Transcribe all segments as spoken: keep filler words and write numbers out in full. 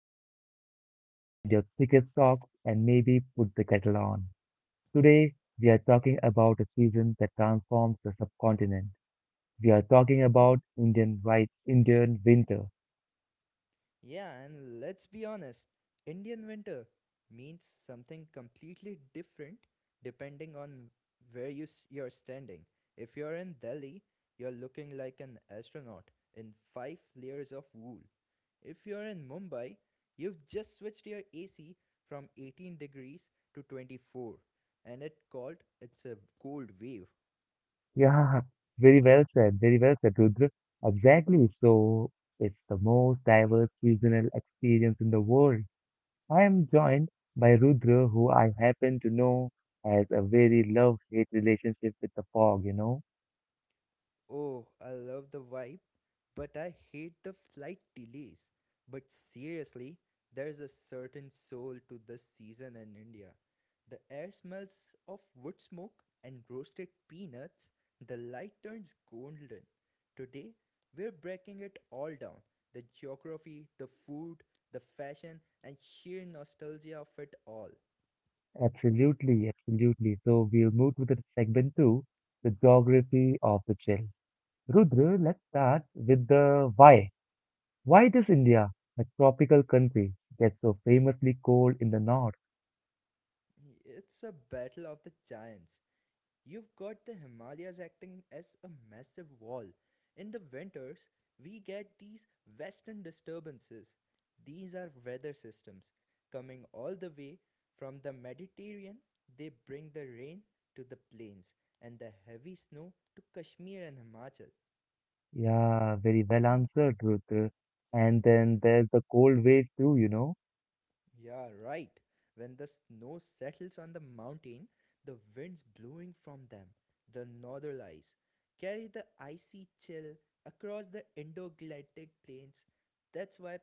your hoodies, find your thickest socks, and maybe put the kettle on. Today, we are talking about a season that transforms the subcontinent. We are talking about Indian right, Indian winter. Yeah, and let's be honest, Indian winter means something completely different depending on where you s- you're standing. If you're in Delhi, you're looking like an astronaut in five layers of wool. If you're in Mumbai, you've just switched your A C from eighteen degrees to twenty-four and it called it's a cold wave. Yeah, very well said, very well said, Rudra. Exactly. So, it's the most diverse seasonal experience in the world. I am joined by Rudra, who I happen to know has a very love-hate relationship with the fog, you know. Oh, I love the vibe, but I hate the flight delays. But seriously, there's a certain soul to this season in India. The air smells of wood smoke and roasted peanuts, the light turns golden. Today, we're breaking it all down: the geography, the food, the fashion, and sheer nostalgia of it all. Absolutely, absolutely. So we'll move to the segment two, the geography of the chill. Rudra, let's start with the why. Why does India, a tropical country, get so famously cold in the north? It's a battle of the giants. You've got the Himalayas acting as a massive wall. In the winters, we get these western disturbances. These are weather systems coming all the way from the Mediterranean. They bring the rain to the plains and the heavy snow to Kashmir and Himachal. Yeah, very well answered, Rudra. And then there's the cold wave too, you know? Yeah, right. When the snow settles on the mountain, the winds blowing from them, the northern ice, carry the icy chill across the Indo-Galactic plains. That's why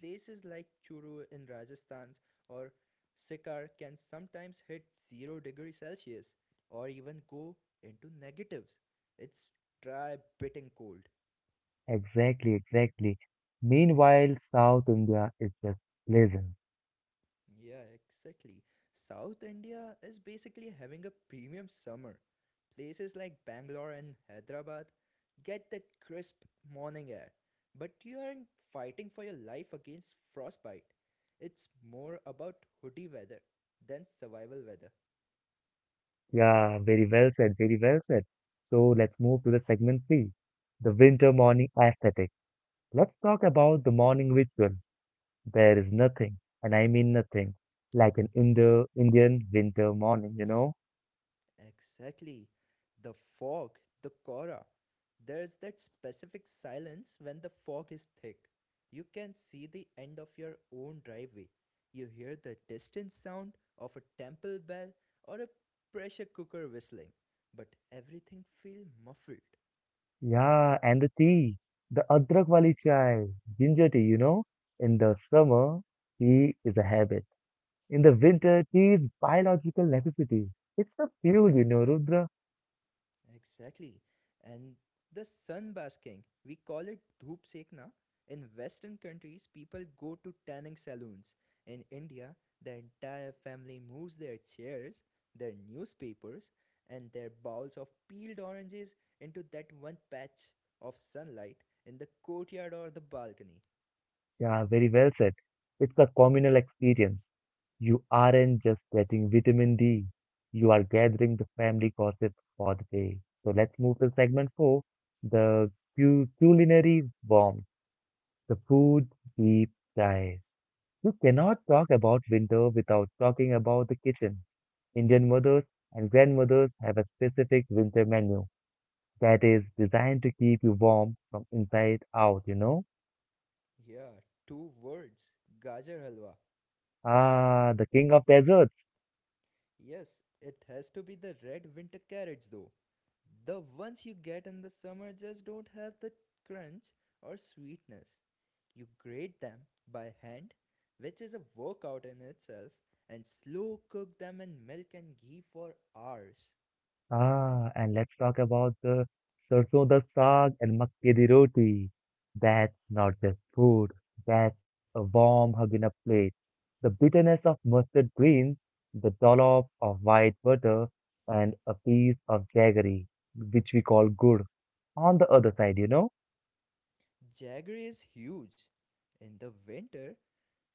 places like Churu in Rajasthan or Sikar can sometimes hit zero degrees Celsius or even go into negatives. It's dry, biting cold. Exactly, exactly. Meanwhile, South India is just pleasant. Yeah, exactly. South India is basically having a premium summer. Places like Bangalore and Hyderabad get that crisp morning air, but you aren't fighting for your life against frostbite. It's more about hoodie weather than survival weather. Yeah, very well said, very well said. So let's move to the segment three, the winter morning aesthetic. Let's talk about the morning ritual. There is nothing, and I mean nothing, like an Indo Indian winter morning, you know? Exactly. The fog, the aura. There's that specific silence when the fog is thick. You can see the end of your own driveway. You hear the distant sound of a temple bell or a pressure cooker whistling, but everything feels muffled. Yeah, and the tea, the adrak wali chai, ginger tea, you know? In the summer, tea is a habit. In the winter, tea is biological necessity. It's a fuel, you know, Rudra. Exactly. And the sunbasking, we call it dhoop sekna. In Western countries, people go to tanning saloons. In India, the entire family moves their chairs, their newspapers, and their bowls of peeled oranges into that one patch of sunlight in the courtyard or the balcony. Yeah, very well said. It's a communal experience. You aren't just getting vitamin D, you are gathering the family gossip for the day. So let's move to segment four, the cu- culinary bomb, the food deep dive. You cannot talk about winter without talking about the kitchen. Indian mothers and grandmothers have a specific winter menu that is designed to keep you warm from inside out, you know? Yeah, two words: gajar halwa. Ah, the king of desserts. Yes, it has to be the red winter carrots though. The ones you get in the summer just don't have the crunch or sweetness. You grate them by hand, which is a workout in itself, and slow cook them in milk and ghee for hours. Ah, and let's talk about the sarson da saag and makke di roti. That's not just food, that's a warm hug in a plate. The bitterness of mustard greens, the dollop of white butter, and a piece of jaggery, which we call gur, on the other side, you know? Jaggery is huge. In the winter,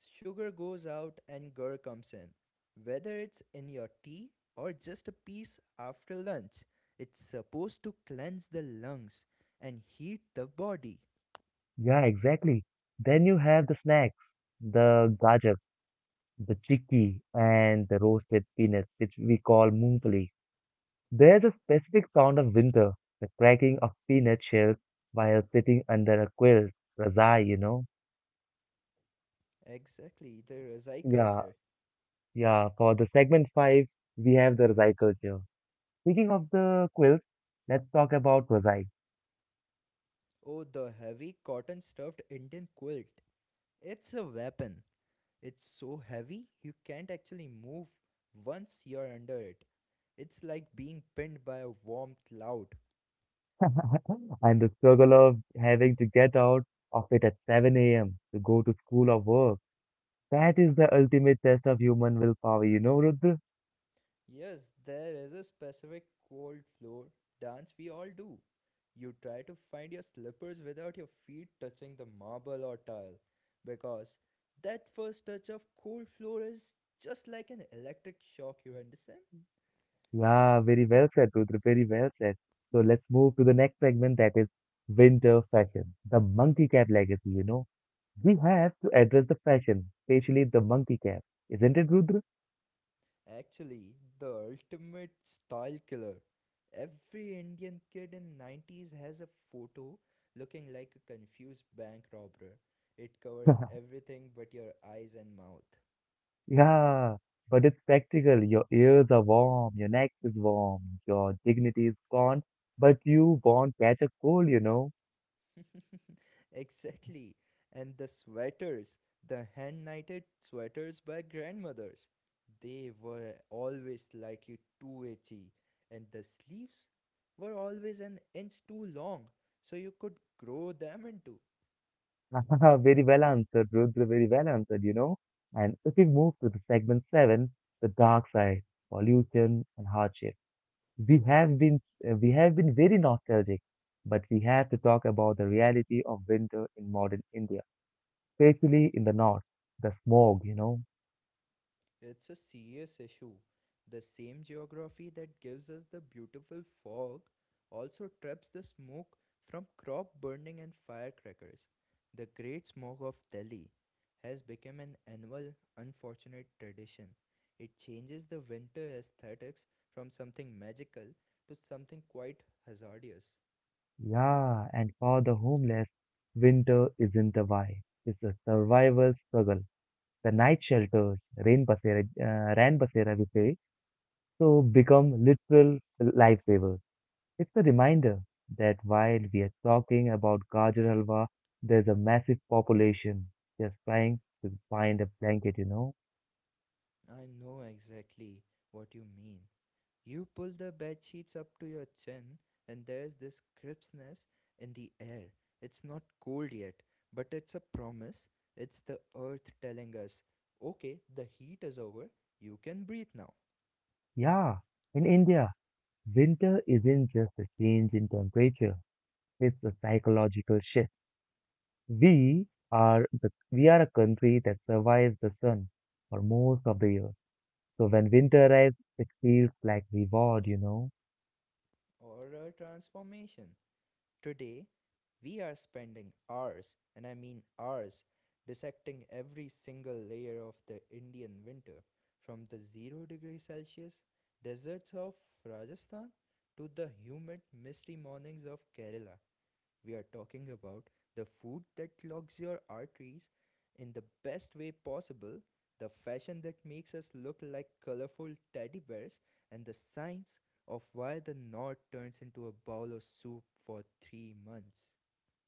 sugar goes out and gur comes in. Whether it's in your tea or just a piece after lunch, it's supposed to cleanse the lungs and heat the body. Yeah, exactly. Then you have the snacks, the gajak, the chikki, and the roasted peanuts, which we call mungfali. There's a specific sound of winter, the cracking of peanut shells while sitting under a quilt, Razai, you know. Exactly, the Rasai Yeah, culture. yeah. For the segment five, we have the Razai culture. Speaking of the quilts, let's talk about Razai. Oh, the heavy cotton stuffed Indian quilt. It's a weapon. It's so heavy you can't actually move once you're under it. It's like being pinned by a warm cloud. And the struggle of having to get out of it at seven a m to go to school or work. That is the ultimate test of human willpower, you know, Rudra? Yes, there is a specific cold floor dance we all do. You try to find your slippers without your feet touching the marble or tile because that first touch of cold floor is just like an electric shock, you understand? Yeah, very well said, Rudra. Very well said. So let's move to the next segment that is winter fashion, the monkey cap legacy. You know, we have to address the fashion, especially the monkey cap, isn't it, Rudra? Actually, the ultimate style killer. Every Indian kid in nineties has a photo looking like a confused bank robber. It covers everything but your eyes and mouth. Yeah, but it's practical. Your ears are warm, your neck is warm, your dignity is gone, but you won't catch a cold, you know. Exactly. And the sweaters, the hand knitted sweaters by grandmothers, they were always slightly too itchy, and the sleeves were always an inch too long, so you could grow them into. Very well answered, Rudra. Very well answered, you know. And if we move to the segment seven, the dark side, pollution and hardship. We have been uh, we have been very nostalgic, but we have to talk about the reality of winter in modern India, especially in the north. The smog, you know. It's a serious issue. The same geography that gives us the beautiful fog also traps the smoke from crop burning and firecrackers. The great smog of Delhi has become an annual unfortunate tradition. It changes the winter aesthetics from something magical to something quite hazardous. Yeah, and for the homeless, winter isn't a why. It's a survival struggle. The night shelters, rain basera, uh, ran basera we say, so become literal lifesavers. It's a reminder that while we are talking about Gajar Halwa, there's a massive population just trying to find a blanket, you know? I know exactly what you mean. You pull the bed sheets up to your chin, and there's this crispness in the air. It's not cold yet, but it's a promise. It's the earth telling us, okay, the heat is over, you can breathe now. Yeah, in India, winter isn't just a change in temperature, it's a psychological shift. We are the, we are a country that survives the sun for most of the year. So when winter arrives, it feels like reward, you know? Or a transformation. Today, we are spending hours, and I mean hours, dissecting every single layer of the Indian winter, from the zero degree Celsius deserts of Rajasthan to the humid, misty mornings of Kerala. We are talking about the food that clogs your arteries in the best way possible, the fashion that makes us look like colorful teddy bears, and the science of why the north turns into a bowl of soup for three months.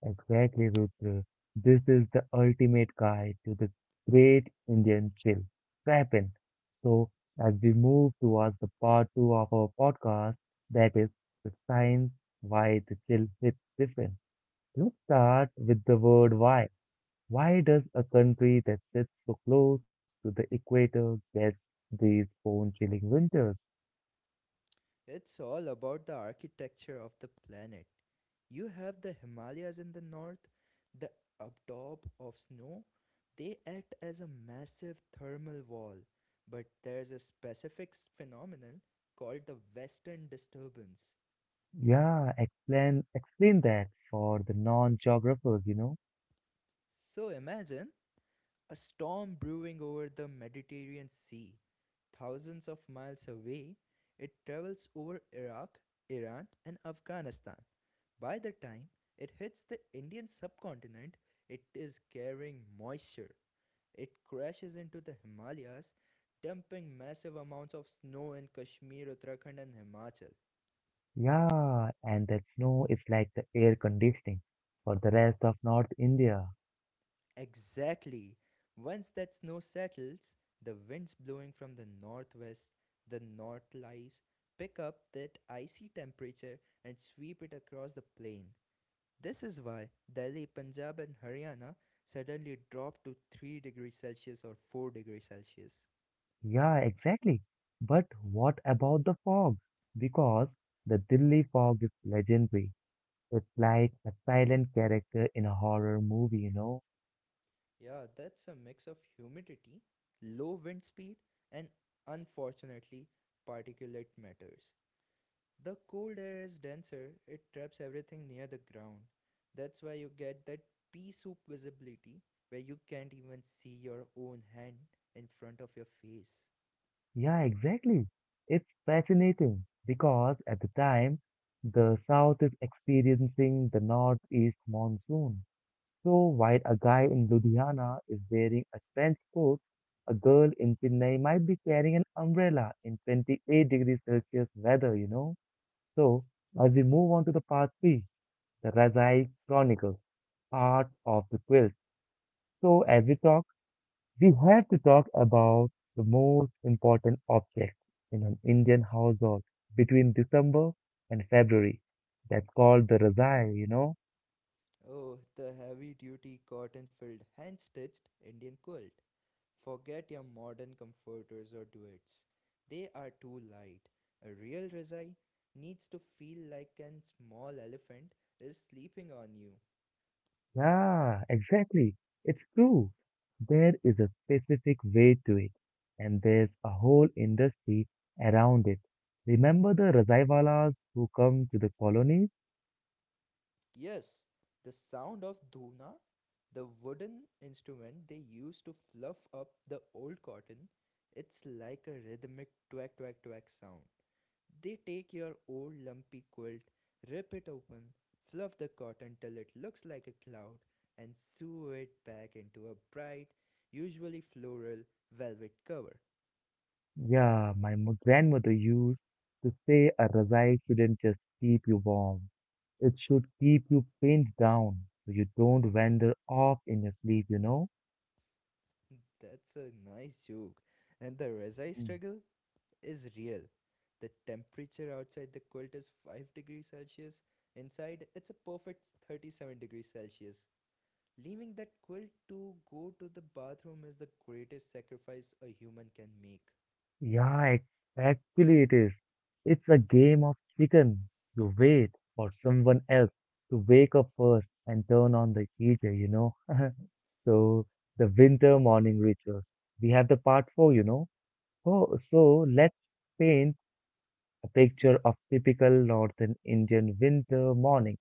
Exactly, Rutre. This is the ultimate guide to the great Indian chill, Krapen. So, as we move towards the part two of our podcast, that is the science why the chill hits different. Let's start with the word why. Why does a country that sits so close to the equator get these bone chilling winters? It's all about the architecture of the planet. You have the Himalayas in the north, the abdob of snow. They act as a massive thermal wall, but there's a specific phenomenon called the western disturbance. Yeah, explain explain that for the non-geographers, you know. So imagine a storm brewing over the Mediterranean Sea. Thousands of miles away, it travels over Iraq, Iran, and Afghanistan. By the time it hits the Indian subcontinent, it is carrying moisture. It crashes into the Himalayas, dumping massive amounts of snow in Kashmir, Uttarakhand, and Himachal. Yeah, and that snow is like the air conditioning for the rest of North India. Exactly. Once that snow settles, the winds blowing from the northwest, the north lies, pick up that icy temperature and sweep it across the plain. This is why Delhi, Punjab, and Haryana suddenly drop to three degrees Celsius or four degrees Celsius. Yeah, exactly. But what about the fog? Because the Delhi fog is legendary. It's like a silent character in a horror movie, you know? Yeah, that's a mix of humidity, low wind speed, and unfortunately, particulate matters. The cold air is denser, it traps everything near the ground. That's why you get that pea soup visibility where you can't even see your own hand in front of your face. Yeah, exactly. It's fascinating because at the time, the South is experiencing the Northeast monsoon. So while a guy in Ludhiana is wearing a trench coat, a girl in Chennai might be carrying an umbrella in twenty-eight degrees Celsius weather, you know. So as we move on to the part three, the Razai Chronicles, part of the quiz. So as we talk, we have to talk about the most important object in an Indian household between December and February. That's called the Razai, you know. Oh, the heavy duty cotton filled hand stitched Indian quilt. Forget your modern comforters or duets. They are too light. A real Rizai needs to feel like a small elephant is sleeping on you. Yeah, exactly. It's true. There is a specific way to it, and there's a whole industry around it. Remember the Razaiwalas who come to the colonies? Yes, the sound of dhuna, the wooden instrument they used to fluff up the old cotton, it's like a rhythmic twack twack twack sound. They take your old lumpy quilt, rip it open, fluff the cotton till it looks like a cloud, and sew it back into a bright, usually floral, velvet cover. Yeah, my mo- grandmother used to say a Razai shouldn't just keep you warm. It should keep you pinned down so you don't wander off in your sleep, you know? That's a nice joke. And the Rezai struggle is real. The temperature outside the quilt is five degrees Celsius; inside, it's a perfect thirty-seven degrees Celsius. Leaving that quilt to go to the bathroom is the greatest sacrifice a human can make. Yeah, exactly it is. It's a game of chicken. You wait for someone else to wake up first and turn on the heater, you know. So the winter morning rituals. We have the part four, you know. Oh, so let's paint a picture of typical northern Indian winter morning.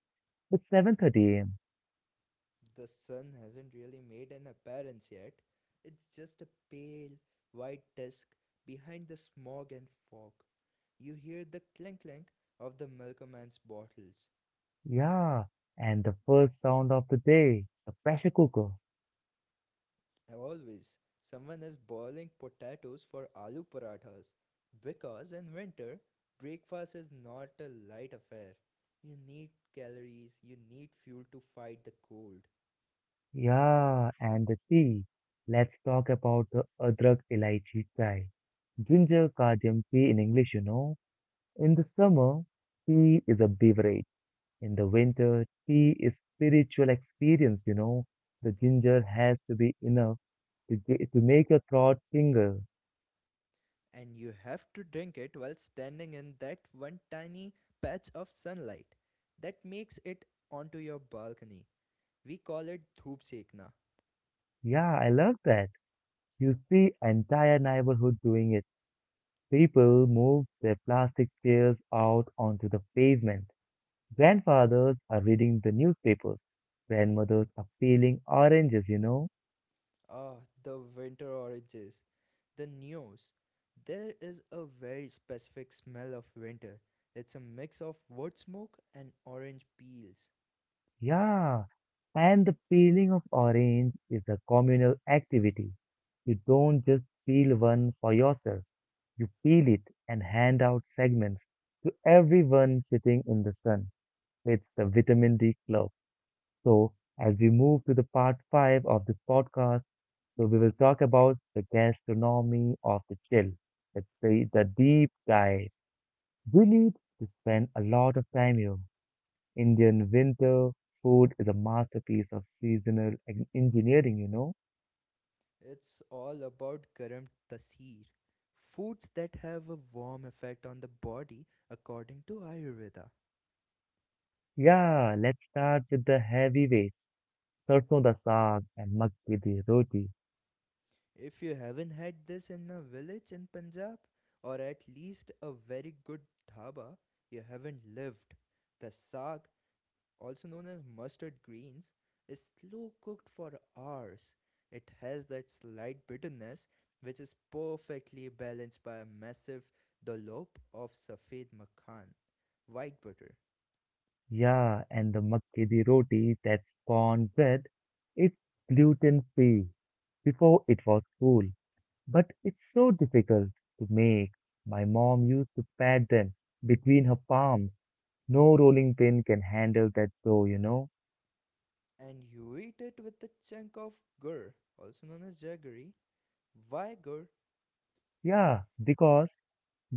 It's seven thirty a m. The sun hasn't really made an appearance yet, it's just a pale, white disk behind the smog and fog. You hear the clink clink of the milkman's bottles. Yeah, and the first sound of the day, the pressure cooker. Always, someone is boiling potatoes for aloo parathas, because in winter, breakfast is not a light affair. You need calories, you need fuel to fight the cold, Yeah, and the tea. Let's talk about the Adrak Elaichi Chai. Ginger cardamom tea in English, you know. In the summer, tea is a beverage. In the winter, tea is spiritual experience, you know. The ginger has to be enough to ge- to make your throat tingle. and you have to drink it while standing in that one tiny patch of sunlight that makes it onto your balcony. We call it dhoop sekna. Yeah, I love that. You see entire neighborhood doing it. People move their plastic chairs out onto the pavement. Grandfathers are reading the newspapers. Grandmothers are peeling oranges, you know. Ah, the winter oranges, the neos. There is a very specific smell of winter. It's a mix of wood smoke and orange peels. Yeah. And the peeling of orange is a communal activity. You don't just peel one for yourself. You peel it and hand out segments to everyone sitting in the sun. It's the vitamin D club. So as we move to the part five of this podcast, so we will talk about the gastronomy of the chill. It's the, the deep dive. We need to spend a lot of time here. Indian winter food is a masterpiece of seasonal en- engineering, you know. It's all about garam tasir, foods that have a warm effect on the body according to Ayurveda. Yeah, let's start with the heavyweight. Sarson da saag and makki di roti. If you haven't had this in a village in Punjab, or at least a very good dhaba, you haven't lived. The saag, also known as mustard greens, is slow cooked for hours. It has that slight bitterness which is perfectly balanced by a massive dollop of safed makan, white butter. Yeah, and the makki di roti, that's corn bread, it's gluten-free. Before it was cool, but it's so difficult to make. My mom used to pat them between her palms. No rolling pin can handle that dough, you know. And you eat it with a chunk of gur, also known as jaggery. Why gur? Yeah, because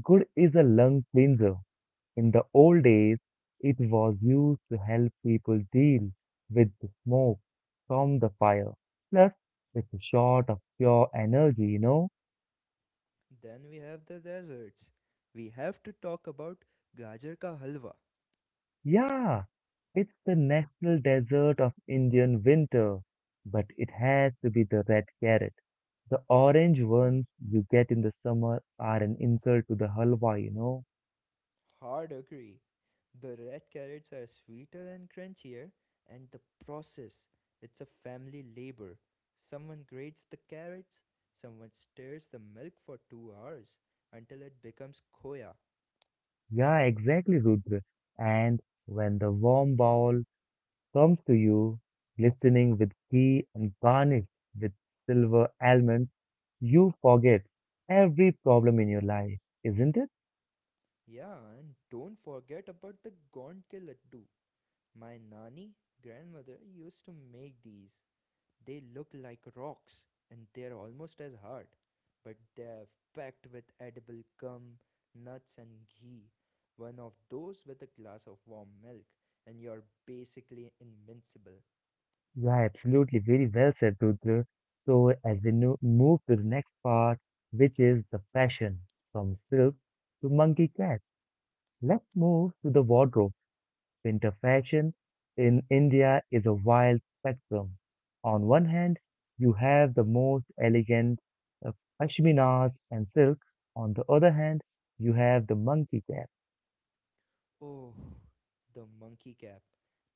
good is a lung cleanser. In the old days, it was used to help people deal with the smoke from the fire. Plus, it's a shot of pure energy, you know? Then we have the desserts. We have to talk about gajar ka halwa. Yeah, it's the national dessert of Indian winter. But it has to be the red carrot. The orange ones you get in the summer are an insult to the halwa, you know? Hard agree. The red carrots are sweeter and crunchier, and the process, it's a family labor. Someone grates the carrots, someone stirs the milk for two hours until it becomes khoya. Yeah, exactly, Rudra. And when the warm bowl comes to you glistening with ghee and garnished with silver almonds, you forget every problem in your life, isn't it? Yeah, and don't forget about the gond ke laddu. My nani, grandmother, used to make these. They look like rocks and they're almost as hard, but they're packed with edible gum, nuts, and ghee. One of those with a glass of warm milk, and you're basically invincible. Yeah, absolutely. Very well said, Rudra. So, as we no- move to the next part, which is the fashion from silk to monkey cat, let's move to the wardrobe. Winter fashion in India is a wild spectrum. On one hand, you have the most elegant uh, pashminas and silks. On the other hand, you have the monkey cap. Oh, the monkey cap,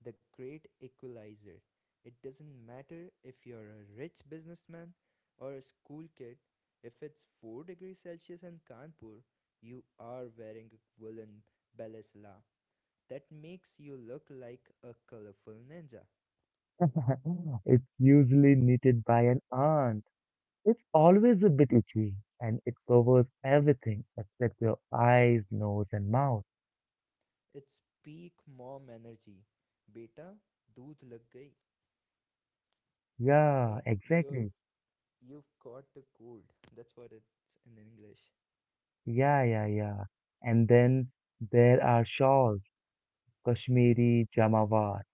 the great equalizer. It doesn't matter if you're a rich businessman or a school kid, if it's four degrees Celsius in Kanpur, you are wearing a woolen balaclava that makes you look like a colorful ninja. It's usually knitted by an aunt. It's always a bit itchy and it covers everything except your eyes, nose, and mouth. It's peak mom energy. Beta, doodh lag gayi. Son, Yeah, you're, exactly. you've caught a cold. That's what it's in English. Yeah, yeah, yeah. And then there are shawls, Kashmiri Jamawar,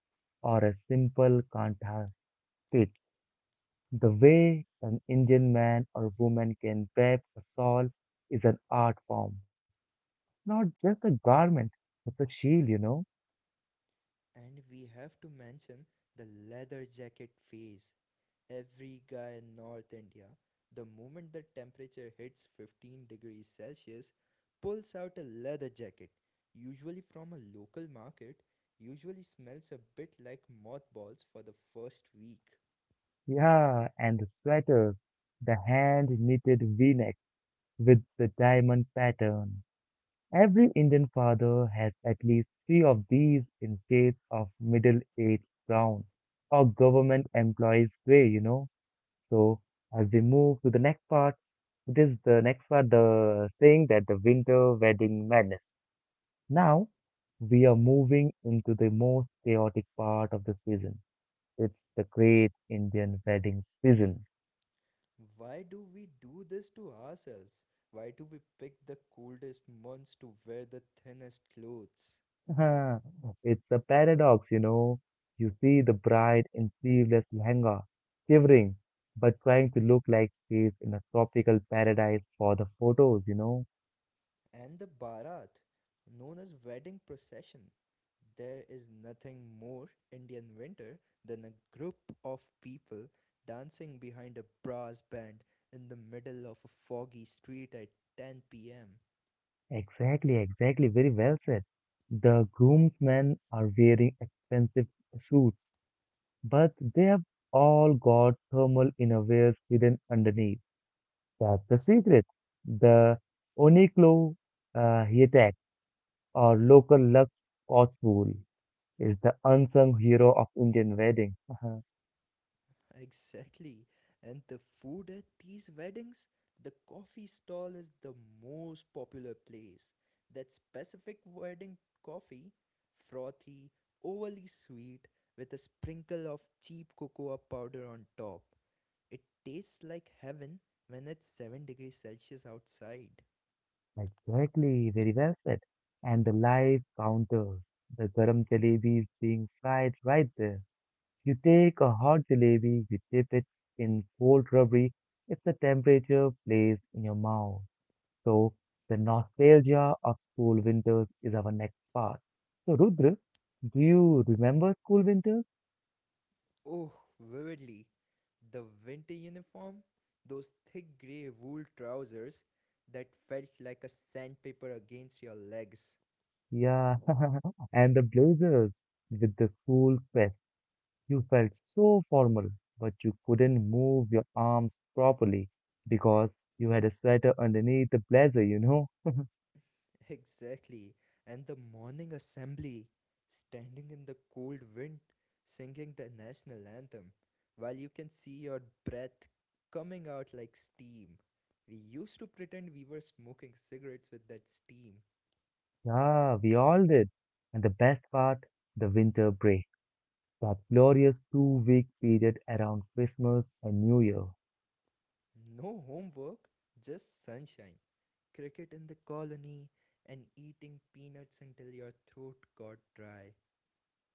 or a simple kanta stitch. The way an Indian man or woman can web a shawl is an art form, not just a garment, it's a shield, you know. And we have to mention the leather jacket phase. Every guy in North India, the moment the temperature hits fifteen degrees Celsius, pulls out a leather jacket, usually from a local market, usually smells a bit like mothballs for the first week. Yeah, and the sweaters, the hand knitted v-neck with the diamond pattern. Every Indian father has at least three of these in shades of middle-aged brown or government employees gray, you know. So as we move to the next part, it is the next part, the saying that the winter wedding madness. Now we are moving into the most chaotic part of the season. It's the great Indian wedding season. Why do we do this to ourselves? Why do we pick the coldest months to wear the thinnest clothes? It's a paradox, you know. You see the bride in sleeveless lehenga, shivering, but trying to look like she's in a tropical paradise for the photos, you know. And the Bharat, known as wedding procession. There is nothing more Indian winter than a group of people dancing behind a brass band in the middle of a foggy street at ten p m. Exactly, exactly. Very well said. The groomsmen are wearing expensive suits, but they have all got thermal innerwears hidden underneath. That's the secret. The Uniqlo uh, Heatex or local Lux Scotch wool is the unsung hero of Indian weddings. Uh-huh. Exactly. And the food at these weddings, the coffee stall is the most popular place. That specific wedding coffee, frothy, overly sweet, with a sprinkle of cheap cocoa powder on top. It tastes like heaven when it's seven degrees Celsius outside. Exactly, very well said. And the live counters, the garam jalebis being fried right there. You take a hot jalebi, you dip it in cold rubbery, it's the temperature plays in your mouth. So the nostalgia of school winters is our next part. So Rudra, do you remember school winters? Oh, vividly. The winter uniform, those thick grey wool trousers that felt like a sandpaper against your legs. Yeah, and the blazers with the school crest. You felt so formal, but you couldn't move your arms properly because you had a sweater underneath the blazer, you know? Exactly. And the morning assembly, standing in the cold wind, singing the national anthem, while you can see your breath coming out like steam. We used to pretend we were smoking cigarettes with that steam. Yeah, we all did. And the best part, the winter break. That glorious two-week period around Christmas and New Year. No homework, just sunshine, cricket in the colony, and eating peanuts until your throat got dry.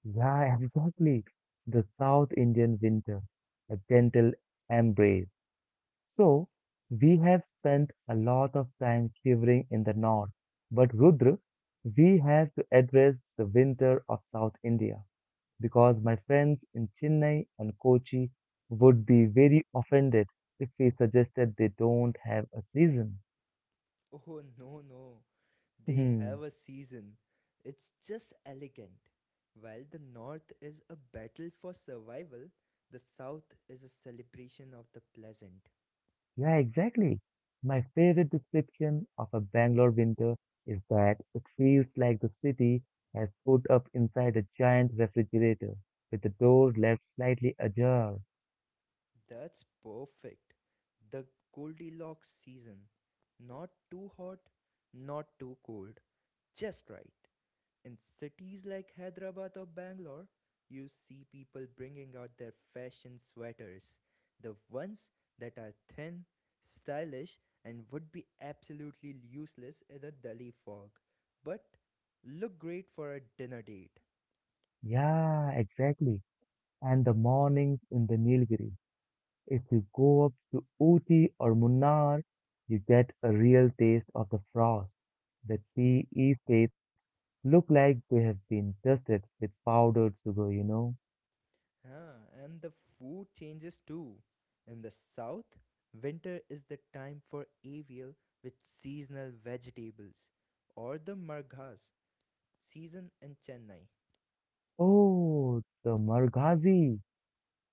Yeah, exactly. The South Indian winter, a gentle embrace. So, we have spent a lot of time shivering in the north. But Rudra, we have to address the winter of South India, because my friends in Chennai and Kochi would be very offended if we suggested they don't have a season. Oh, no, no. They Hmm, have a season. It's just elegant. While the north is a battle for survival, the south is a celebration of the pleasant. yeah, exactly. My favorite description of a Bangalore winter is that it feels like the city has put up inside a giant refrigerator with the door left slightly ajar. That's perfect. The Goldilocks season. Not too hot, not too cold. Just right. In cities like Hyderabad or Bangalore, you see people bringing out their fashion sweaters. The ones that are thin, stylish, and would be absolutely useless in a Delhi fog, but look great for a dinner date. Yeah, exactly. And the mornings in the Nilgiri, if you go up to Ooty or Munnar, you get a real taste of the frost. The tea estates look like they have been dusted with powdered sugar, you know. Huh, and the food changes too. In the south, winter is the time for avial with seasonal vegetables or the marghas season in Chennai. Oh, the Marghazi.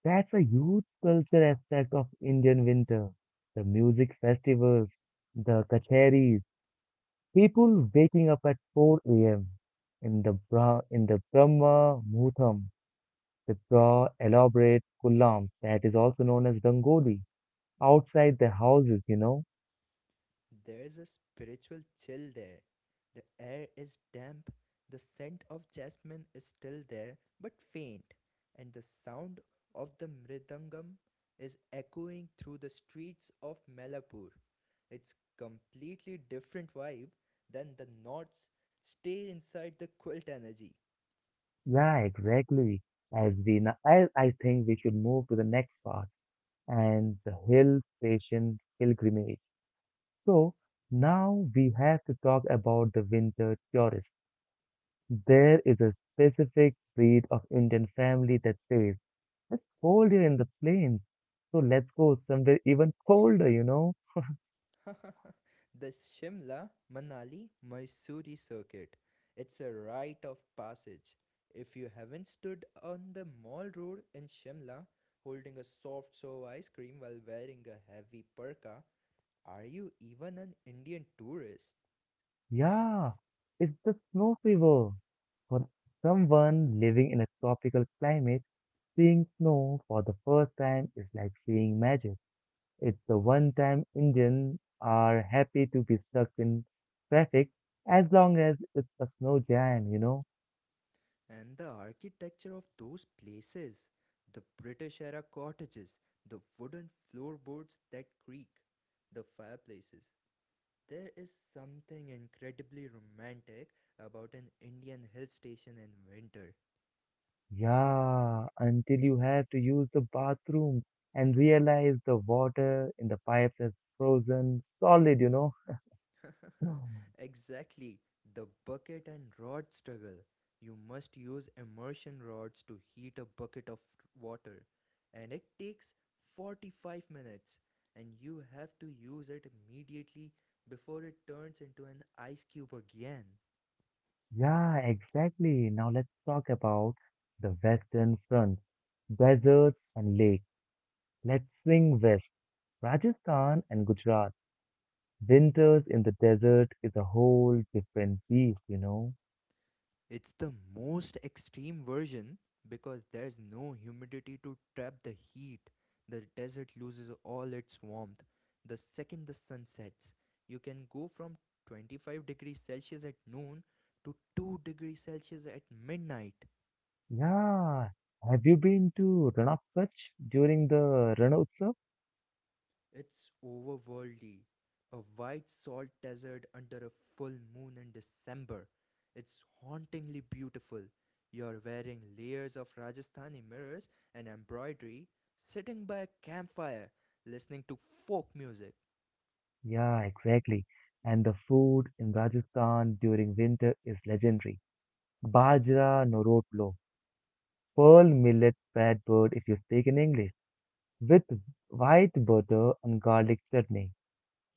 That's a huge culture aspect of Indian winter. The music festivals, the kacheris, people waking up at four a m in the Bra in the Brahma Muhurtam. They draw elaborate kullams, that is also known as rangoli, outside their houses, you know. There's a spiritual chill there. The air is damp, the scent of jasmine is still there but faint, and the sound of the mridangam is echoing through the streets of Melapur. It's completely different vibe than the knots stay inside the quilt energy. Yeah, exactly. As we, now, I, I think we should move to the next part and the hill station pilgrimage. So now we have to talk about the winter tourist. There is a specific breed of Indian family that says, it's colder in the plains, so let's go somewhere even colder, you know. The Shimla Manali mysore circuit. It's a rite of passage. If you haven't stood on the mall road in Shimla holding a soft serve ice cream while wearing a heavy parka, are you even an Indian tourist? Yeah, it's the snow fever. For someone living in a tropical climate, seeing snow for the first time is like seeing magic. It's the one time Indians are happy to be stuck in traffic as long as it's a snow jam, you know? And the architecture of those places, the British era cottages, the wooden floorboards that creak, the fireplaces, there is something incredibly romantic about an Indian hill station in winter. Yeah, until you have to use the bathroom and realize the water in the pipes is frozen solid, you know? Exactly, the bucket and rod struggle. You must use immersion rods to heat a bucket of water, and it takes forty-five minutes, and you have to use it immediately before it turns into an ice cube again. Yeah, exactly. Now let's talk about the Western front, deserts and lakes. Let's swing west. Rajasthan and Gujarat. Winters in the desert is a whole different beast, you know. It's the most extreme version because there's no humidity to trap the heat. The desert loses all its warmth the second the sun sets. You can go from twenty-five degrees Celsius at noon to two degrees Celsius at midnight. Yeah. Have you been to Ranap Kutch during the Ran Utsav? It's overworldly. A white salt desert under a full moon in December. It's hauntingly beautiful. You're wearing layers of Rajasthani mirrors and embroidery, sitting by a campfire, listening to folk music. Yeah, exactly. And the food in Rajasthan during winter is legendary. Bajra Norotlo, pearl millet bread bird if you speak in English, with white butter and garlic chutney.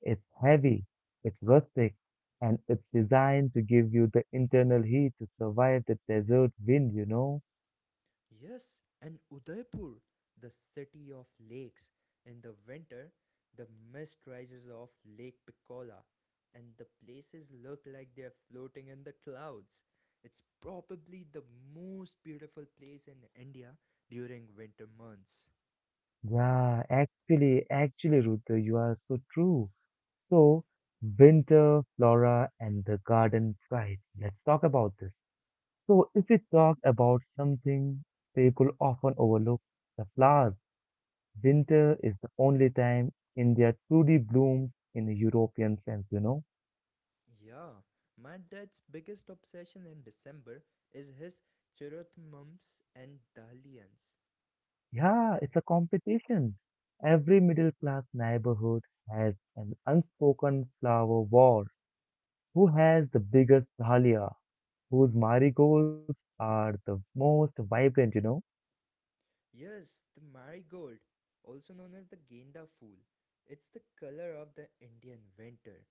It's heavy, it's rustic, and it's designed to give you the internal heat to survive the desert wind, you know? Yes, and Udaipur, the city of lakes. In the winter, the mist rises off Lake Piccola, and the places look like they're floating in the clouds. It's probably the most beautiful place in India during winter months. Yeah, actually, actually, Ruta, you are so true. So, winter, flora, and the garden pride. Let's talk about this. So, if we talk about something people often overlook, the flowers. Winter is the only time India truly blooms in a European sense, you know. Yeah, my dad's biggest obsession in December is his chirutmums and dahlias. Yeah, it's a competition. Every middle class neighborhood has an unspoken flower war. Who has the biggest dahlia? Whose marigolds are the most vibrant, you know? Yes, the marigold, also known as the Genda Phool, it's the color of the Indian winter.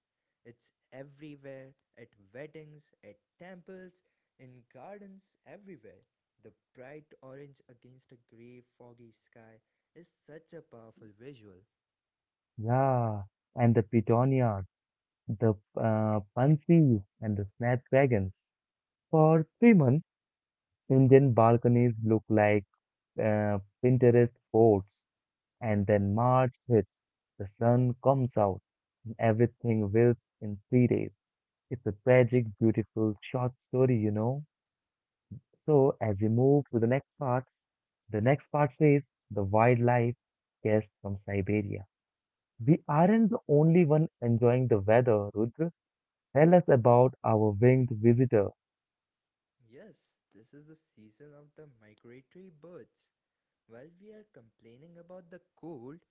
It's everywhere at weddings, at temples, in gardens, everywhere. The bright orange against a grey, foggy sky is such a powerful visual. Yeah, and the petunias, the uh, pansies, and the snapdragons. For three months, Indian balconies look like uh, Pinterest boards. And then March hits, the sun comes out, and everything wilts in three days. It's a tragic, beautiful short story, you know. So, as we move to the next part, the next part says the wildlife guest from Siberia. We aren't the only one enjoying the weather, Rudra. Tell us about our winged visitor. Yes, this is the season of the migratory birds. While we are complaining about the cold,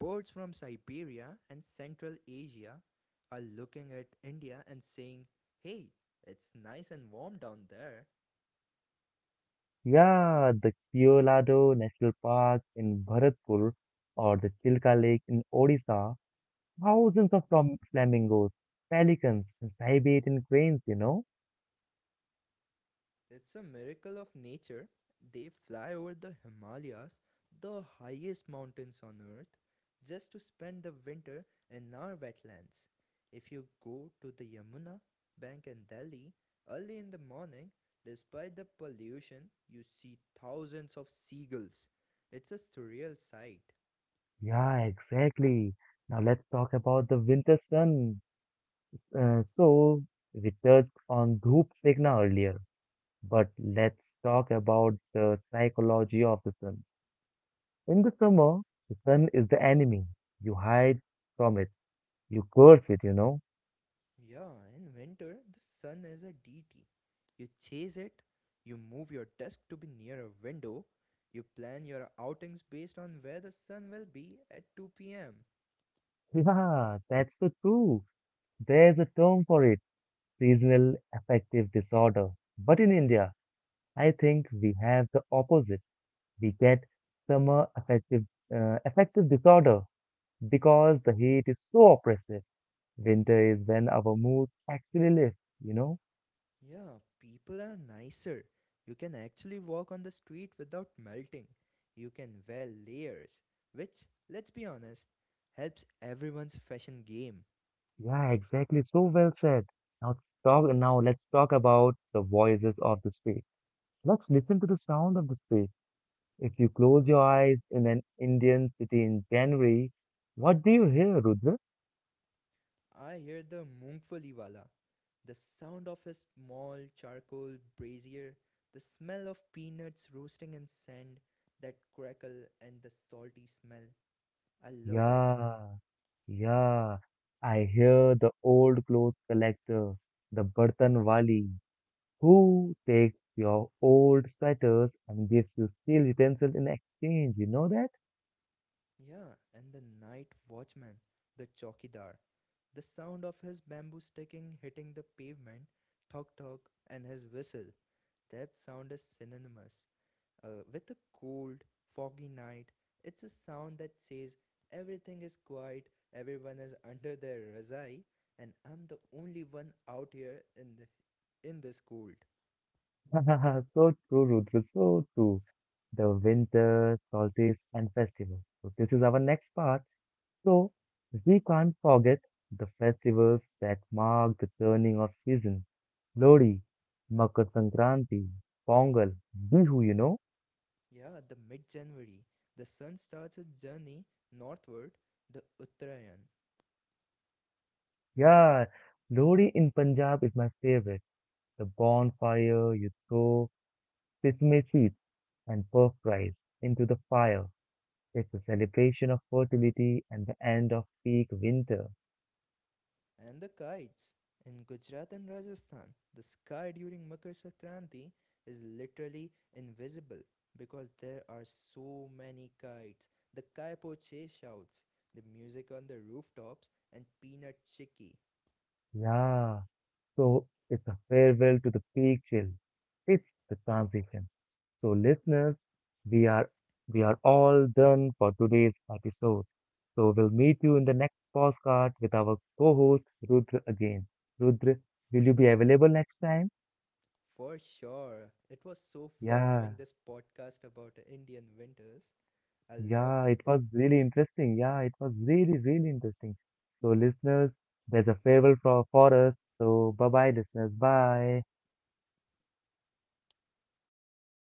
birds from Siberia and Central Asia are looking at India and saying, hey, it's nice and warm down there. Yeah, the Colorado National Park in Bharatpur or the Chilka Lake in Odisha. Thousands of flam- flamingos, pelicans, and Siberian cranes, you know? It's a miracle of nature. They fly over the Himalayas, the highest mountains on earth, just to spend the winter in our wetlands. If you go to the Yamuna bank in Delhi early in the morning, despite the pollution, you see thousands of seagulls. It's a surreal sight. Yeah, exactly. Now let's talk about the winter sun. Uh, so, we touched on Dhoop Signa earlier, but let's talk about the psychology of the sun. In the summer, the sun is the enemy. You hide from it, you curse it, you know? Yeah, in winter, the sun is a deity. You chase it, you move your desk to be near a window, you plan your outings based on where the sun will be at two p m. Yeah, that's so true. There's a term for it, seasonal affective disorder. But in India, I think we have the opposite. We get summer affective, uh, affective disorder because the heat is so oppressive. Winter is when our moods actually lift, you know? Yeah, people are nicer. You can actually walk on the street without melting. You can wear layers, which, let's be honest, helps everyone's fashion game. Yeah, exactly. So well said. Now talk now let's talk about the voices of the street. Let's listen to the sound of the street. If you close your eyes in an Indian city in January, what do you hear, Rudra? I hear the moongfali wala, the sound of his small charcoal brazier, the smell of peanuts roasting in sand that crackle and the salty smell. I love it. Yeah, yeah. I hear the old clothes collector, the bartan wali, who takes your old sweaters and gives you steel utensils in exchange. You know that? Yeah, and the night watchman, the chokidar, the sound of his bamboo sticking hitting the pavement, tok tok, and his whistle. That sound is synonymous. Uh, with a cold, foggy night, it's a sound that says everything is quiet, everyone is under their razai, and I'm the only one out here in the, in this cold. So true, Rudra, so true. The winter, solstice, and festival. So this is our next part. So we can't forget the festivals that mark the turning of season. Lodi, Makar Sankranti, Pongal, Bihu, you know. Yeah, the mid January, the sun starts its journey northward, the Uttarayan. Yeah, Lori in Punjab is my favorite. The bonfire, you throw sesame seeds and puff rice into the fire. It's a celebration of fertility and the end of peak winter. And the kites. In Gujarat and Rajasthan, the sky during Makar Sankranti is literally invisible because there are so many kites. The kaipo che shouts, the music on the rooftops, and peanut chicky. Yeah, so it's a farewell to the peak chill. It's the transition. So listeners, we are we are all done for today's episode. So we'll meet you in the next podcast with our co-host Rudra again. Rudra, will you be available next time? For sure. It was so fun having Yeah, this podcast about Indian winters. I loved yeah, it. it was really interesting. Yeah, it was really, really interesting. So, listeners, there's a farewell for, for us. So, bye bye, listeners. Bye.